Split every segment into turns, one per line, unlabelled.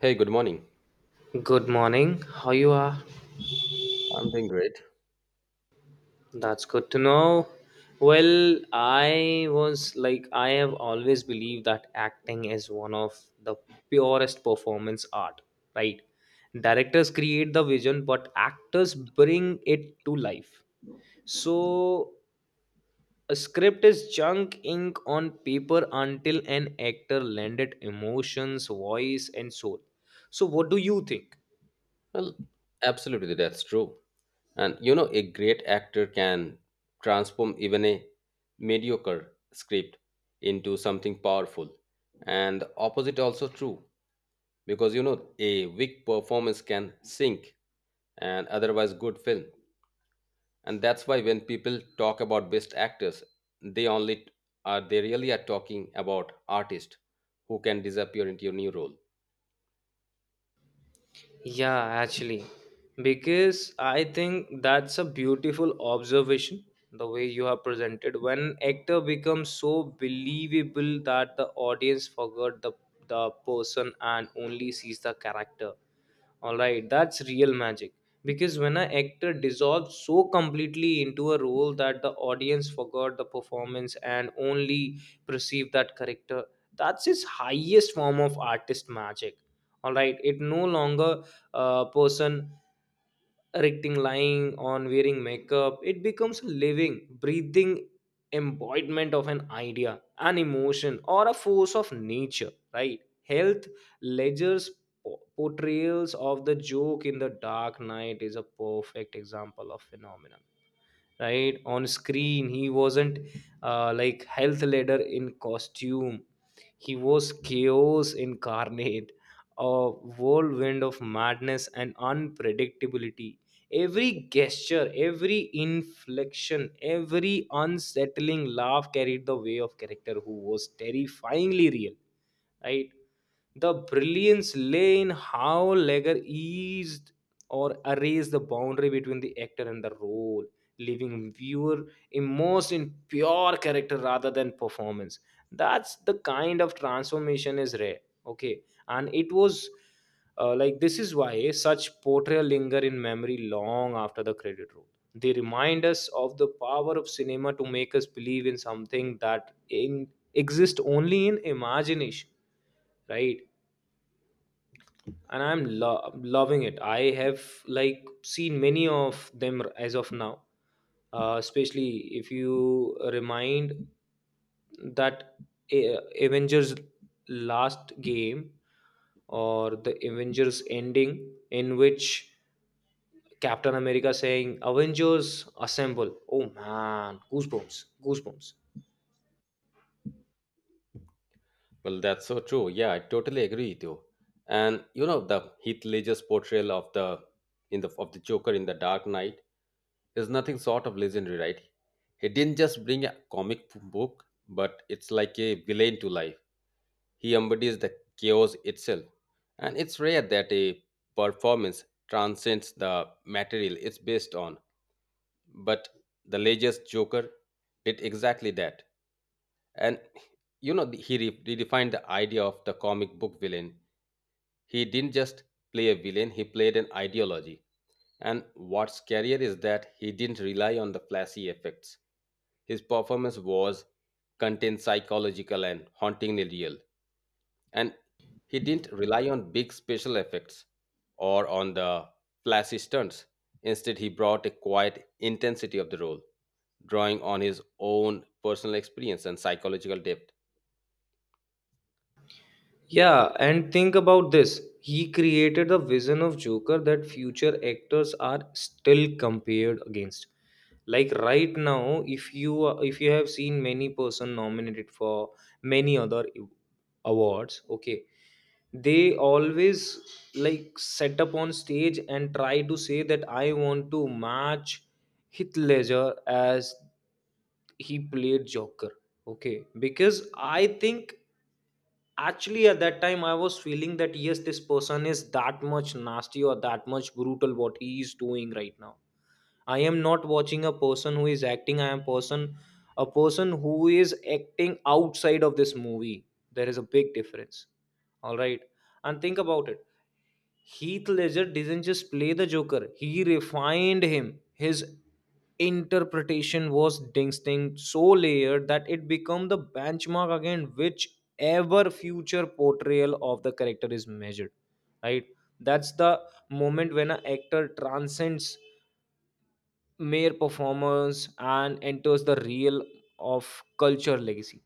Hey, good morning.
Good morning. How you are?
I'm doing great.
That's good to know. Well, I was like I have always believed that acting is one of the purest performance art, right? Directors create the vision, but actors bring it to life. So a script is junk ink on paper until an actor lend it emotions, voice, and soul. So what do you think?
Well, absolutely, that's true. And a great actor can transform even a mediocre script into something powerful. And the opposite also true, because a weak performance can sink an otherwise good film. And that's why when people talk about best actors, they only they really are talking about artists who can disappear into a new role.
Yeah, actually, because I think that's a beautiful observation the way you have presented when actor becomes so believable that the audience forgot the person and only sees the character. All right, that's real magic because when an actor dissolves so completely into a role that the audience forgot the performance and only perceive that character, that's his highest form of artist magic. All right, it no longer person erecting lying on wearing makeup it becomes a living breathing embodiment of an idea an emotion or a force of nature, right? Health ledgers portrayals of the joke in the dark night is a perfect example of phenomenon, right? On screen he wasn't like health leader in costume, he was chaos incarnate, a whirlwind of madness and unpredictability. Every gesture, every inflection, every unsettling laugh carried the way of character who was terrifyingly real, right? The brilliance lay in how Legger eased or erased the boundary between the actor and the role, leaving viewer immersed in pure character rather than performance. That's the kind of transformation is rare. Okay, and it was like this is why such portrayal linger in memory long after the credit roll. They remind us of the power of cinema to make us believe in something that in, exists only in imagination, right? And I'm loving it. I have like seen many of them as of now, especially if you remind that Avengers last game or the Avengers ending in which Captain America saying, Avengers assemble. Oh man, goosebumps, goosebumps.
Well, that's so true. Yeah, I totally agree with you. And you know the Heath Ledger's portrayal of the Joker in the Dark Knight is nothing sort of legendary, right? He didn't just bring a comic book, but it's like a villain to life. He embodies the chaos itself, and it's rare that a performance transcends the material it's based on. But the Ledger's Joker did exactly that. And you know, he redefined the idea of the comic book villain. He didn't just play a villain, he played an ideology. And what's scarier is that he didn't rely on the flashy effects. His performance was contained psychological and hauntingly real. And he didn't rely on big special effects or on the flashy stunts. Instead, he brought a quiet intensity of the role, drawing on his own personal experience and psychological depth.
Yeah, and think about this. He created the vision of Joker that future actors are still compared against. Like right now, if you have seen many person nominated for many other awards, okay, they always like set up on stage and try to say that I want to match Heath Ledger as he played Joker. Okay, because I think actually at that time I was feeling that yes, this person is that much nasty or that much brutal what he is doing right now. I am not watching a person who is acting, I am person, a person who is acting outside of this movie. There is a big difference, all right? And think about it, Heath Ledger didn't just play the Joker, he refined him. His interpretation was distinct so layered that it become the benchmark again whichever future portrayal of the character is measured, right? That's the moment when an actor transcends mere performers and enters the real of culture legacy.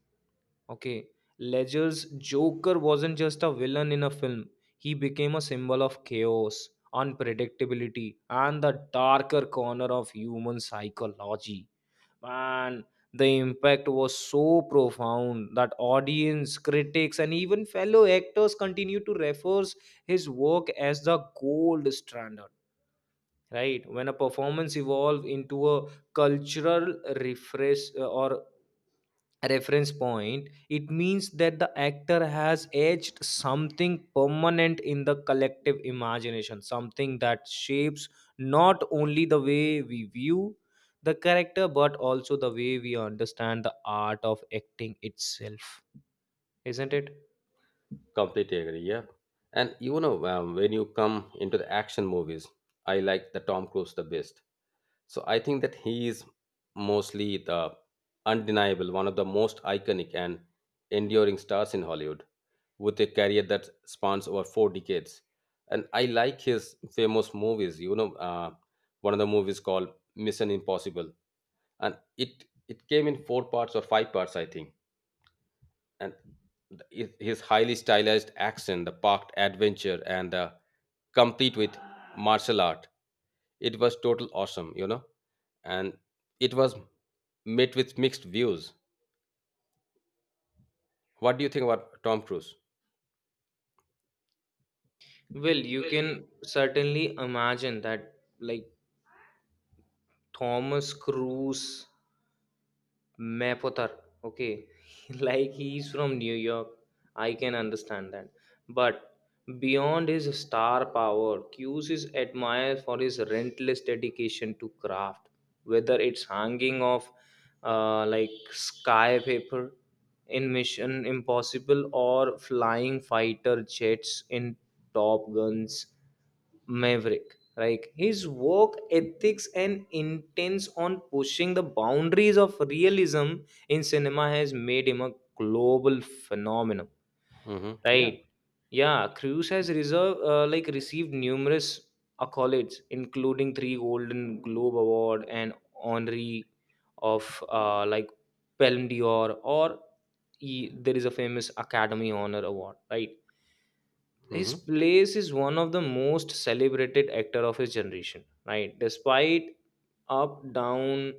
Okay, Ledger's Joker wasn't just a villain in a film, he became a symbol of chaos, unpredictability, and the darker corner of human psychology. Man, the impact was so profound that audience, critics, and even fellow actors continue to refer his work as the gold standard, right? When a performance evolves into a cultural refresh or reference point, it means that the actor has edged something permanent in the collective imagination, something that shapes not only the way we view the character but also the way we understand the art of acting itself, isn't it?
Completely agree. Yeah, and when you come into the action movies, I like the Tom Cruise the best. So I think that he is mostly the undeniable one of the most iconic and enduring stars in Hollywood, with a career that spans over four decades. And I like his famous movies. You know, one of the movies called Mission Impossible, and it came in four parts or five parts, I think, and his highly stylized action, the parked adventure, and the complete with martial art. It was total awesome, you know, and it was met with mixed views. What do you think about Tom Cruise?
Well, you can certainly imagine that like Thomas Cruise Mapother. Okay, like he's from New York. I can understand that. But beyond his star power, Q's is admired for his relentless dedication to craft, whether it's hanging off like sky paper in Mission Impossible or flying fighter jets in Top Guns. Maverick. Like his work ethics and intents on pushing the boundaries of realism in cinema has made him a global phenomenon.
Hmm. Yeah.
Right? Yeah, Cruz has reserved like received numerous accolades, including three Golden Globe Award and honorary of like Palme d'Or, or he, there is a famous Academy Honor Award. Right? His
Hmm.
place is one of the most celebrated actor of his generation, right? Despite up down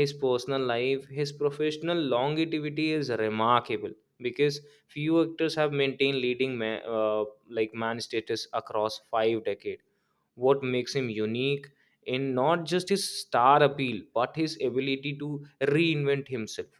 his personal life, his professional longevity is remarkable because few actors have maintained leading like man status across 5 decades. What makes him unique in not just his star appeal but his ability to reinvent himself,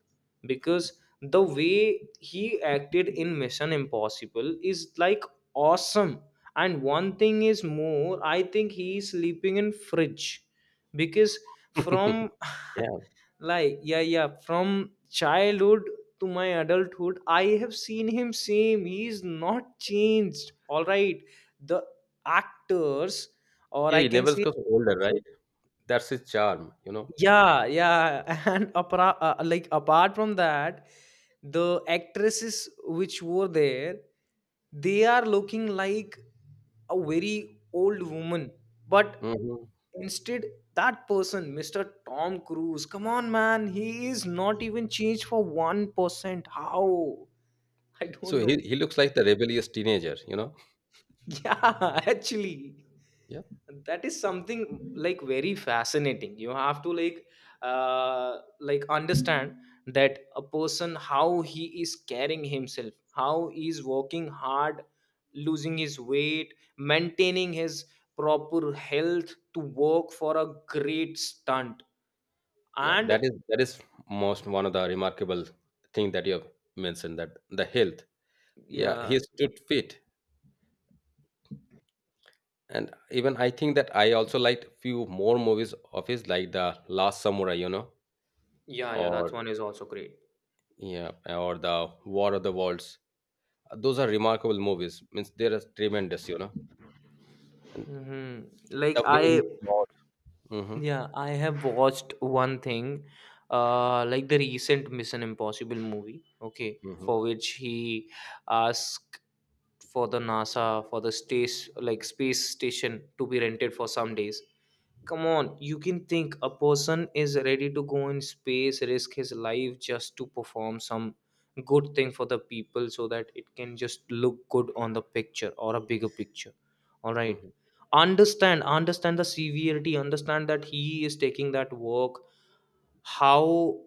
because the way he acted in Mission Impossible is like awesome. And one thing is more, I think he is sleeping in fridge because from
Yeah.
like yeah, from childhood to my adulthood I have seen him same, he's not changed. All right, the actors, or
Yeah.
I
He
can
never
say
gets older, right? That's his charm, you know.
yeah, yeah, and apart, like apart from that, the actresses which were there, they are looking like a very old woman. But
Hmm.
instead, that person, Mr. Tom Cruise, come on, man, he is not even changed for 1%. How? I
So
don't
he,
know.
he looks like the rebellious teenager, you know.
Yeah, actually,
Yeah.
that is something like very fascinating. You have to like understand that a person how he is carrying himself, how he is working hard, losing his weight, maintaining his proper health to work for a great stunt.
Yeah.
And
That is most one of the remarkable thing that you have mentioned, that the health. Yeah,
yeah,
he stood fit. And even I think that I also liked few more movies of his, like the Last Samurai, you know,
yeah, yeah,
or
that one is also great.
yeah, or the War of the Worlds. Those are remarkable movies. Means they are tremendous, you know. And
Hmm. Like
the way
I,
he fought. Mm-hmm,
yeah, I have watched one thing, like the recent Mission Impossible movie, okay,
mm-hmm,
for which he asked for the NASA for the space like space station to be rented for some days. Come on, you can think a person is ready to go in space, risk his life just to perform some good thing for the people so that it can just look good on the picture or a bigger picture. All right.
mm-hmm.
Understand, understand the severity, understand that he is taking that work how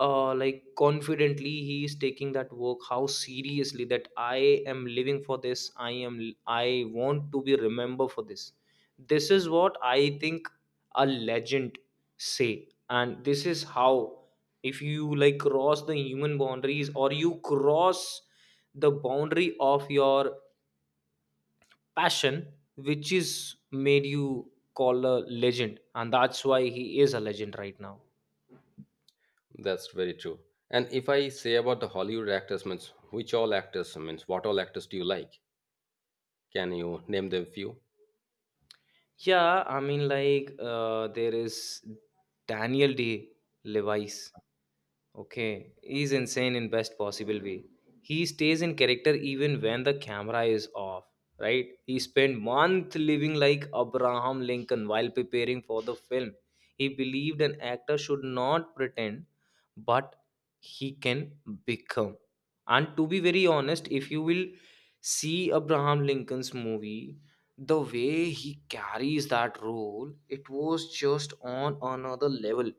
confidently he is taking that work, how seriously that I am living for this, I am I want to be remembered for this. This is what I think a legend say, and this is how if you like cross the human boundaries or you cross the boundary of your passion which is made you call a legend, and that's why he is a legend right now.
That's very true. And if I say about the Hollywood actors, means which all actors, means what all actors do you like? Can you name them few?
Yeah, I mean, like, there is Daniel D. Levi's. Okay, he's insane in best possible way. He stays in character even when the camera is off, right? He spent month living like Abraham Lincoln while preparing for the film. He believed an actor should not pretend, but he can become. And to be very honest, if you will see Abraham Lincoln's movie, the way he carries that role, it was just on another level.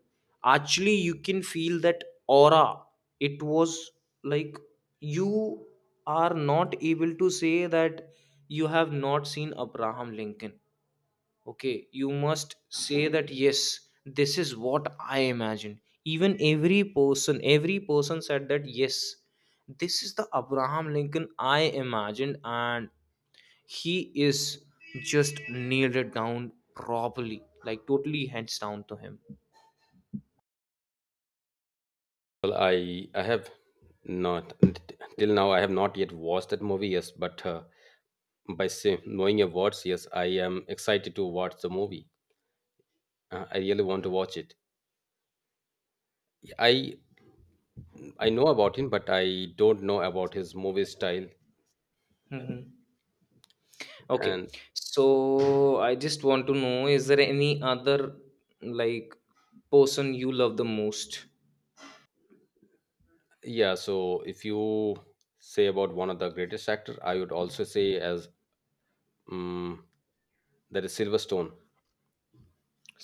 Actually you can feel that aura, it was like you are not able to say that you have not seen Abraham Lincoln. Okay, you must say that yes, this is what I imagined. Even every person said that yes, this is the Abraham Lincoln I imagined, and he is just nailed it down properly, like totally hands down to him.
Well, I have not till now. I have not yet watched that movie. Yes, but by say, knowing your words, yes, I am excited to watch the movie. I really want to watch it. I I know about him, but I don't know about his movie style. Yeah.
Mhm. Okay.
And
So I just want to know, is there any other like person you love the most?
yeah, so if you say about one of the greatest actor, I would also say as um, that is Silverstone,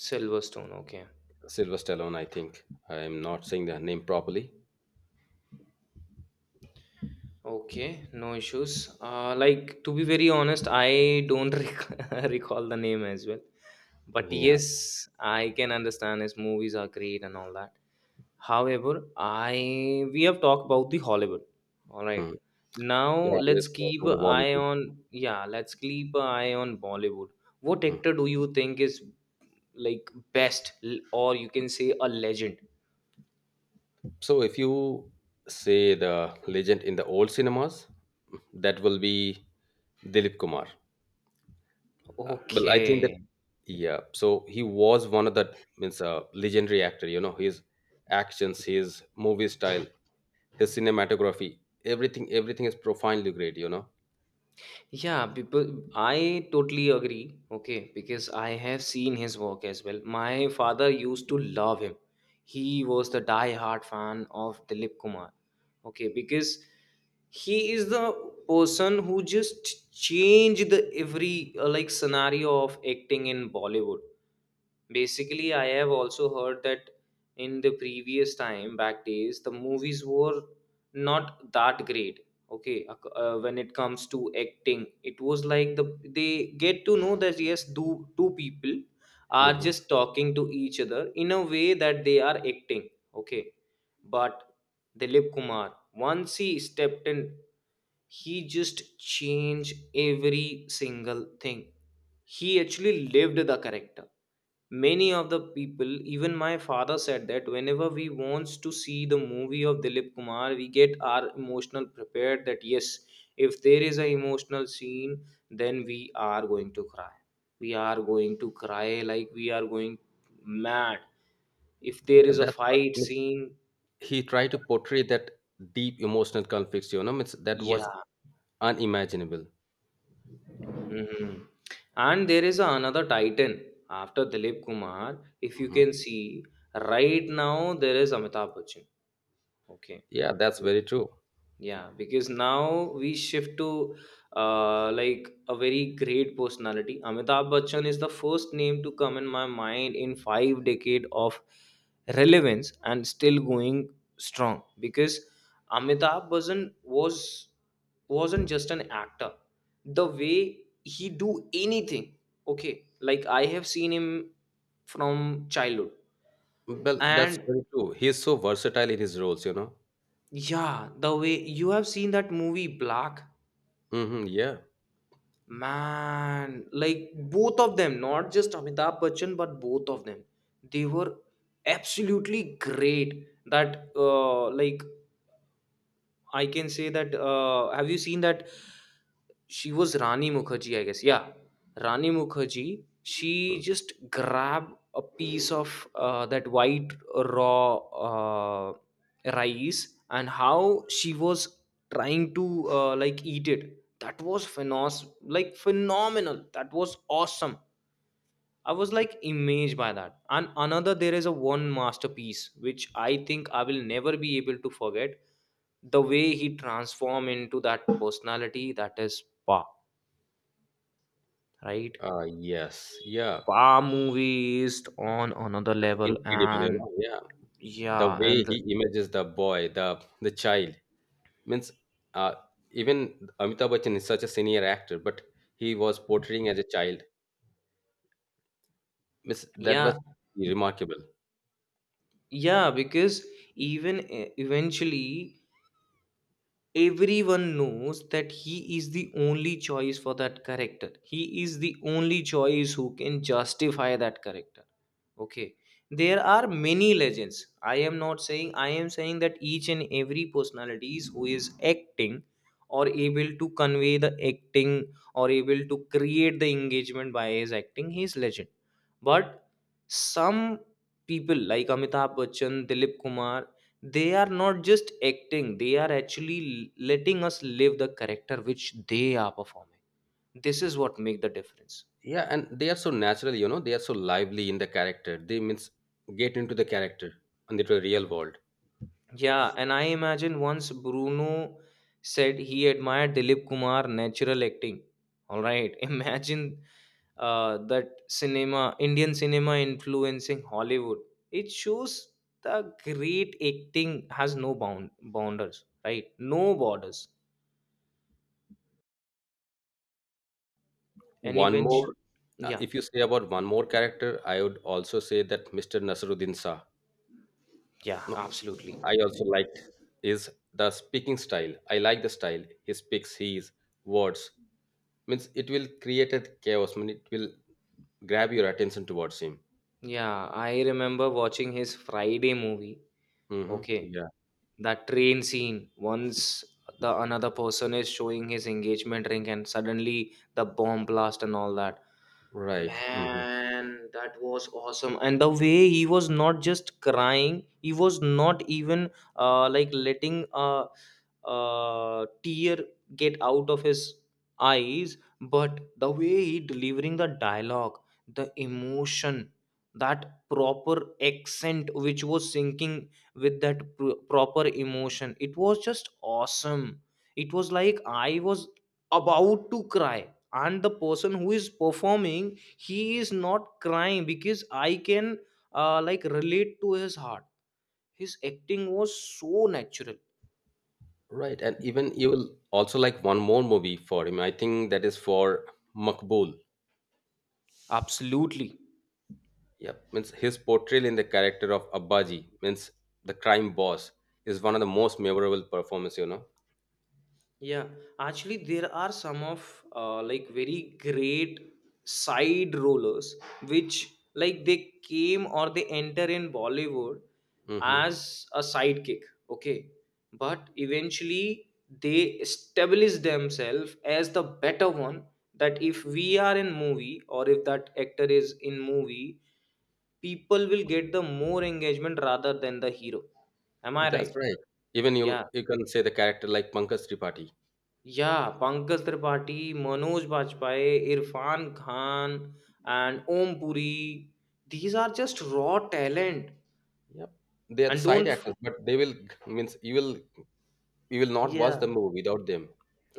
Silverstone, okay.
Silver Stallone. I think I am not saying the name properly.
Okay, no issues. Like to be very honest, I don't recall the name as well. But
Yeah.
yes, I can understand as movies are great and all that. However, I we have talked about the Hollywood. All right.
Mm.
Now
Yeah.
let's
Let's go
keep
to the
an eye
Bollywood.
on yeah, let's keep an eye on Bollywood. What
Mm.
actor do you think is like best or you can say a legend?
So, if you say the legend in the old cinemas, that will be Dilip Kumar. Well, I think that
Okay.
yeah. So he was one of the means a legendary actor. You know his actions, his movie style, his cinematography, everything. Everything is profoundly great. You know.
Yeah, people, I totally agree. Okay, because I have seen his work as well. My father used to love him. He was the die-hard fan of Dilip Kumar. Okay, because he is the person who just changed the every like scenario of acting in Bollywood. Basically, I have also heard that in the previous time back days, the movies were not that great. Okay, when it comes to acting, it was like the they get to know that yes, two people are
Hmm.
just talking to each other in a way that they are acting. Okay, but Dilip Kumar, once he stepped in, he just changed every single thing. He actually lived the character. Many of the people, even my father said that whenever we wants to see the movie of Dilip Kumar, we get our emotional prepared that yes, if there is an emotional scene, then we are going to cry. We are going to cry like we are going mad. If there
Yeah,
is a
that's what I
fight
mean,
scene,
he tried to portray that deep emotional conflicts. You know, means that was
yeah.
unimaginable.
Mhm. And there is another titan after Dilip Kumar. If you
Hmm.
can see right now, there is Amitabh Bachchan. Okay.
Yeah, that's very true.
Yeah, because now we shift to like a very great personality. Amitabh Bachchan is the first name to come in my mind in 5 decade of relevance and still going strong. Because Amitabh Bachchan wasn't just an actor. The way he do anything, okay, like I have seen him from childhood,
Well, that's
and
very true. He is so versatile in his roles, you know.
yeah, the way you have seen that movie Black
Hmm, yeah.
Man, like both of them, not just Amitabh Bachchan, but both of them, they were absolutely great. That like I can say that. Have you seen that? She was Rani Mukherjee, I guess. Yeah, Rani Mukherjee. She
Mm.
just grabbed a piece of that white raw rice and how she was trying to like eat it. That was phenos like phenomenal. That was awesome. I was like amazed by that. And another, there is a one masterpiece which I think I will never be able to forget. The way he transform into that personality that is Pa, right?
Yes. Yeah.
Pa movie is on another
That's
level,
incredible, you
and
know. Yeah. The
yeah,
way
and the,
he images the boy, the child means uh, even Amitabh Bachchan is such a senior actor, but he was portraying as a child. Means that
yeah,
was remarkable.
yeah, because even eventually everyone knows that he is the only choice for that character. He is the only choice who can justify that character. Okay, there are many legends. I am not saying, I am saying that each and every personalities who is acting or able to convey the acting or able to create the engagement by his acting, he is legend. But some people like Amitabh Bachchan, Dilip Kumar, they are not just acting, they are actually letting us live the character which they are performing. This is what make the difference.
Yeah, and they are so natural, you know. They are so lively in the character. They means get into the character and into the real world.
Yeah, and I imagine once Bruno said he admired Dilip Kumar natural acting. All right, imagine that cinema, Indian cinema influencing Hollywood. It shows the great acting has no bounders, right? No borders, and
One
eventually,
more,
yeah,
if you say about one more character, I would also say that Mr. Nasruddin Shah.
yeah,
No,
absolutely.
I also liked is the speaking style. I like the style he speaks. His words means it will create a chaos. I mean, it will grab your attention towards him.
Yeah, I remember watching his Friday movie.
Hmm.
Okay,
Yeah,
that train scene once the another person is showing his engagement ring and suddenly the bomb blast and all that.
right. Hmm.
Man, that was awesome. And the way he was not just crying, he was not even like letting a tear get out of his eyes, but the way he delivering the dialogue, the emotion, that proper accent which was syncing with that proper emotion, it was just awesome. It was like I was about to cry, and the person who is performing he is not crying because I can like relate to his heart, his acting was so natural.
Right, and even you will also like one more movie for him. I think that is for Makbul.
Absolutely.
Yep. Means his portrayal in the character of Abbaji, means the crime boss, is one of the most memorable performance, you know.
Yeah, actually, there are some of like very great side rollers which like they came or they enter in Bollywood
Hmm.
as a sidekick, okay? But eventually they establish themselves as the better one that if we are in movie or if that actor is in movie, people will get the more engagement rather than the hero. Am I
That's
right?
right. Even
Yeah.
you can say the character like Pankaj Tripathi.
Yeah, Pankaj Tripathi, Manoj Bajpayee, Irfan Khan, and Om Puri. These are just raw talent.
Yep. They are the
And
side
don't, f-
actors, but they will means you will not
yeah,
watch the movie without them.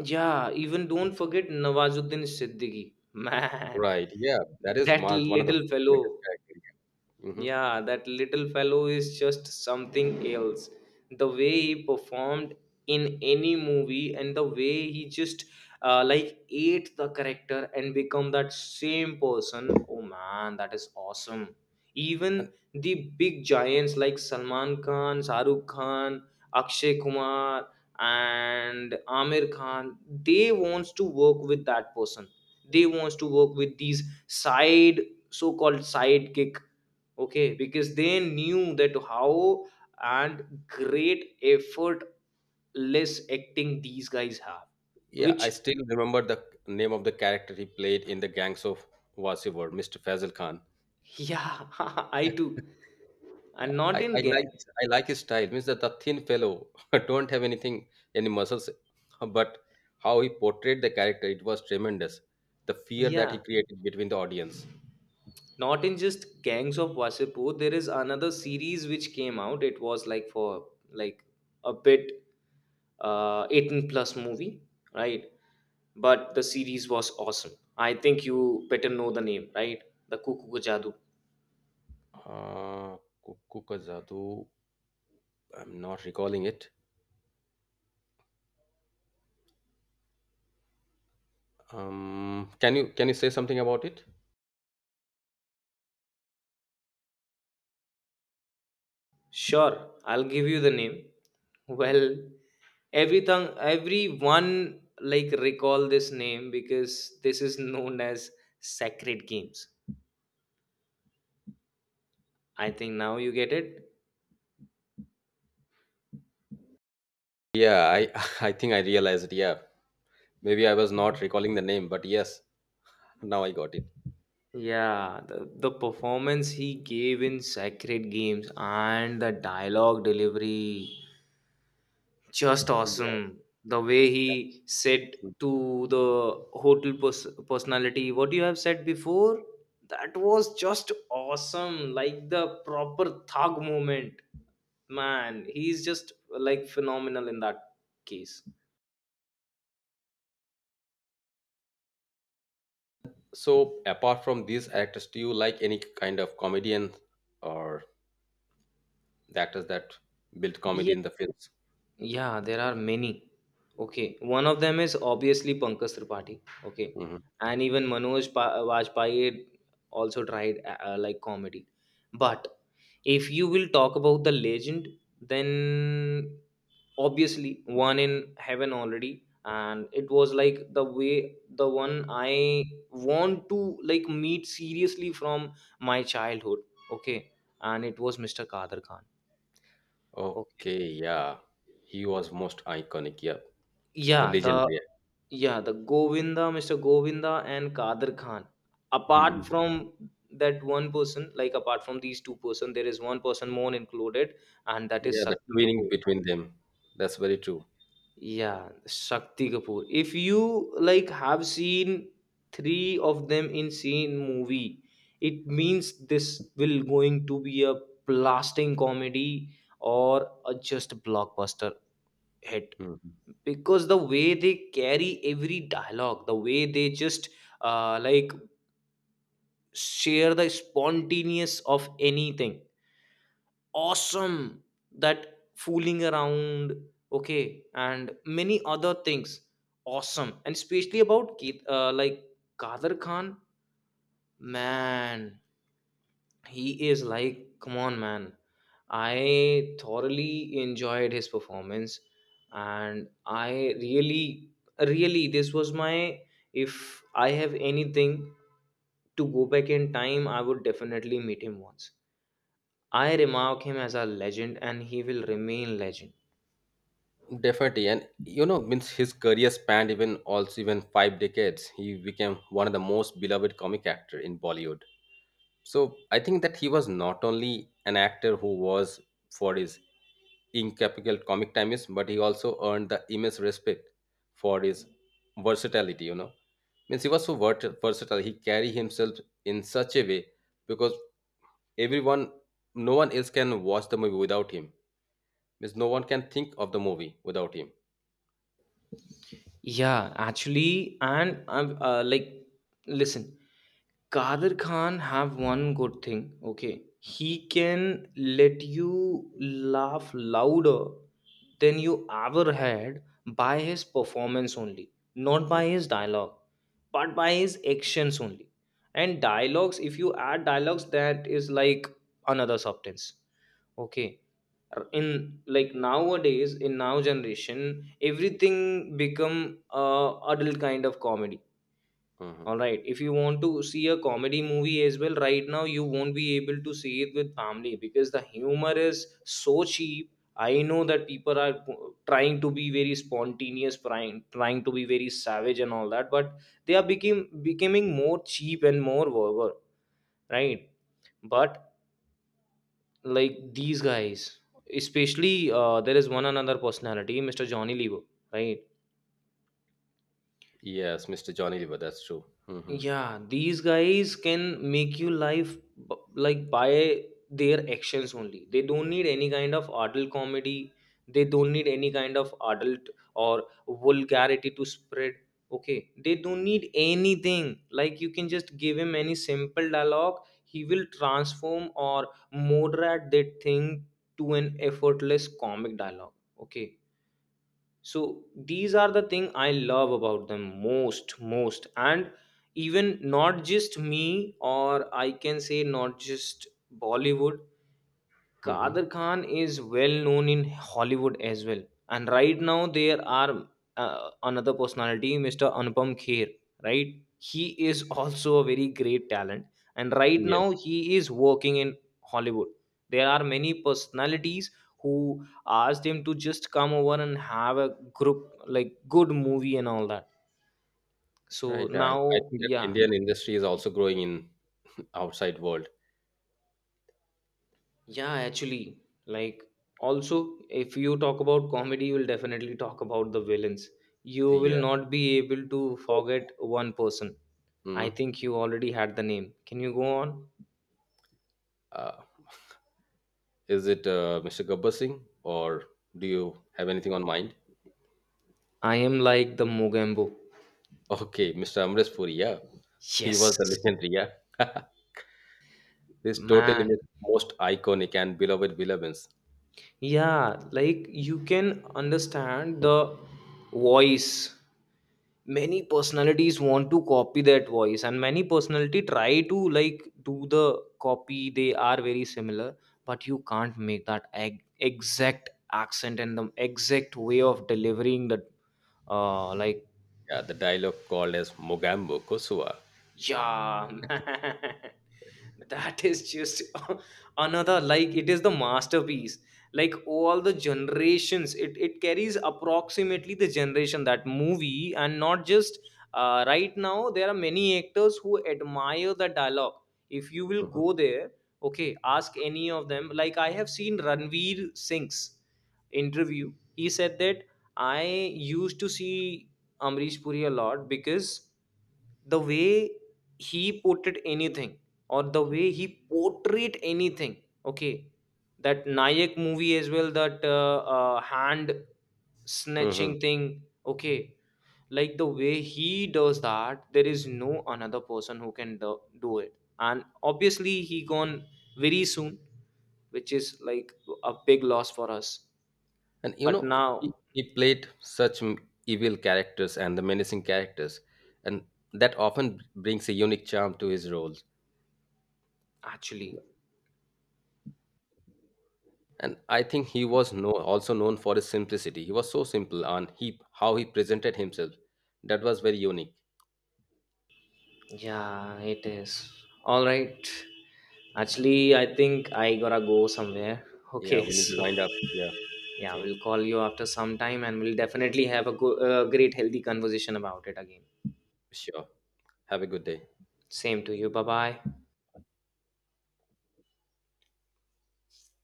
yeah, even don't forget Nawazuddin Siddiqui. Man,
Right. Yeah. That is
that
one of the
little
greatest
fellow.
characters. Hmm.
Yeah, that little fellow is just something else. The way he performed in any movie and the way he just like ate the character and become that same person. Oh man, that is awesome.
And
Even the big giants like Salman Khan, Shahrukh Khan, Akshay Kumar and Amir Khan, they wants to work with that person. They wants to work with these side so-called sidekick, okay, because they knew that how and great effortless acting these guys have.
yeah,
Which
I still remember the name of the character he played in the Gangs of Wasiwar, Mr. Fazil Khan.
yeah, I
Yeah.
too,
Yeah,
and
I,
not in
I like
gang,
I like his style. Means that the thin fellow don't have anything any muscles, but how he portrayed the character, it was tremendous. The fear that
yeah,
he created between the audience.
not in just Gangs of Wasipur, there is another series which came out. It was like for like a bit 18 plus movie, right? But the series was awesome. I think you better know the name, right? The Cuckoo Ka Jadu.
Uh, Kukku Ka Jadoo, I'm not recalling it. Can you say something about it?
Sure, I'll give you the name. Well, everything, everyone like recall this name because this is known as Sacred Games. I think now you get it.
Yeah, I I think I realized. Yeah, maybe I was not recalling the name, but yes, now I got it.
Yeah, the performance he gave in Sacred Games and the dialogue delivery, just
Yeah.
awesome. The way he said to the hotel personality what you have said before, that was just awesome, like the proper thug moment. Man, he's just like phenomenal in that case.
So apart from these actors, do you like any kind of comedian or the actors that built comedy in the films.
Yeah, there are many. Okay, one of them is obviously Pankaj Tripathi. Okay,
Mhm.
and even Vajpayee also tried like comedy. But if you will talk about the legend, then obviously one in heaven already, and it was like the way the one I want to like meet seriously from my childhood. Okay, and it was Mr. Kader Khan. Okay?
Okay, yeah, he was most iconic. Yeah, the
Yeah, the
legendary.
yeah, the Govinda, Mr. Govinda and Kadir Khan. Apart
Mhm.
from that one person, like apart from these two-person, there is one person more included, and that is
Yeah, the
Shakti Kapoor.
twinning between them. That's very true.
Yeah, Shakti Kapoor. If you like have seen three of them in same movie, it means this will going to be a blasting comedy or a just blockbuster hit,
Mhm.
because the way they carry every dialogue, the way they just like share the spontaneous of anything, awesome, that fooling around, okay, and many other things, awesome. And especially about Keith, like Kader Khan, man, he is like, come on man, I thoroughly enjoyed his performance, and I really, really, this was my, if I have anything to go back in time, I would definitely meet him once. I remark him as a legend and he will remain legend.
Definitely, and you know, means his career spanned even also even five decades. He became one of the most beloved comic actor in Bollywood. So I think that he was not only an actor who was for his in capital comic times, but he also earned the immense respect for his versatility. You know, means he was so versatile. He carried himself in such a way because everyone, no one else can watch the movie without him. Means no one can think of the movie without him.
Yeah, actually, and I'm like listen, Kadir Khan have one good thing. Okay, he can let you laugh louder than you ever had by his performance only, not by his dialogue, but by his actions only. And dialogues, if you add dialogues, that is like another substance. Okay, in like nowadays in now generation, everything become adult kind of comedy.
Mhm.
All right, if you want to see a comedy movie as well right now, you won't be able to see it with family because the humor is so cheap. I know that people are trying to be very spontaneous, trying to be very savage and all that, but they are became becoming more cheap and more vulgar, right? But like these guys, especially there is one another personality, Mr. Johnny Lever, right?
Yes, Mr. Johnny Lever, that's true. Hmm.
Yeah, these guys can make you life like by their actions only. They don't need any kind of adult comedy, they don't need any kind of adult or vulgarity to spread. Okay, they don't need anything, like you can just give him any simple dialogue, he will transform or moderate that thing to an effortless comic dialogue. Okay, so these are the thing I love about them most. And even not just me, or I can say not just Bollywood,
Hmm.
Kadir Khan is well known in Hollywood as well. And right now there are another personality, Mr. Anupam Kher, right? He is also a very great talent. And right
Yeah,
now he is working in Hollywood. There are many personalities who asked him to just come over and have a group like good movie and all that. So
right. I
now,
think that
yeah,
Indian industry is also growing in outside world.
yeah, actually, like also, if you talk about comedy, you'll definitely talk about the villains. You will
Yeah.
not be able to
So,
forget one person.
mm,
I think you already had the name. Can you go on?
uh, is it Mr. Gabbar Singh or do you have anything on mind?
I am like the Mogambo.
Okay, Mr. Amresh Puri, yeah. He was
Yes,
the legendary, yeah. This totally
man.
most iconic and beloved Willemins.
Yeah, like you can understand the voice. Many personalities want to copy that voice and many personality try to like do the copy, they are very similar, but you can't make that exact accent and the exact way of delivering the like,
Yeah, the dialogue called as Mogambo Kosua.
yeah, man. That is just another, like, it is the masterpiece. Like all the generations, it carries approximately the generation that movie, and not just right now. There are many actors who admire the dialogue. If you will
Mhm.
go there, okay, ask any of them. Like I have seen Ranveer Singh's interview. He said that I used to see Amrish Puri a lot, because the way he portrayed anything or the way he portrayed anything. Okay, that Nayak movie as well, that hand
Mhm.
snatching thing. Okay, like the way he does that, there is no another person who can do it. And obviously, he gone very soon, which is like a big loss for us.
And you
But
know,
now,
he played such evil characters and the menacing characters, and that often brings a unique charm to his roles.
actually.
And I think he was no, also known for his simplicity. He was so simple, and he how he presented himself, that was very unique.
Yeah, it is. All right.
Yeah,
Actually, I think I gotta go somewhere.
yeah,
Okay,
we need to
so
wind up. Yeah.
yeah,
Okay.
we'll call you after some time and we'll definitely have a great, healthy conversation about it again.
Sure. Have a good day.
Same to you. Bye bye.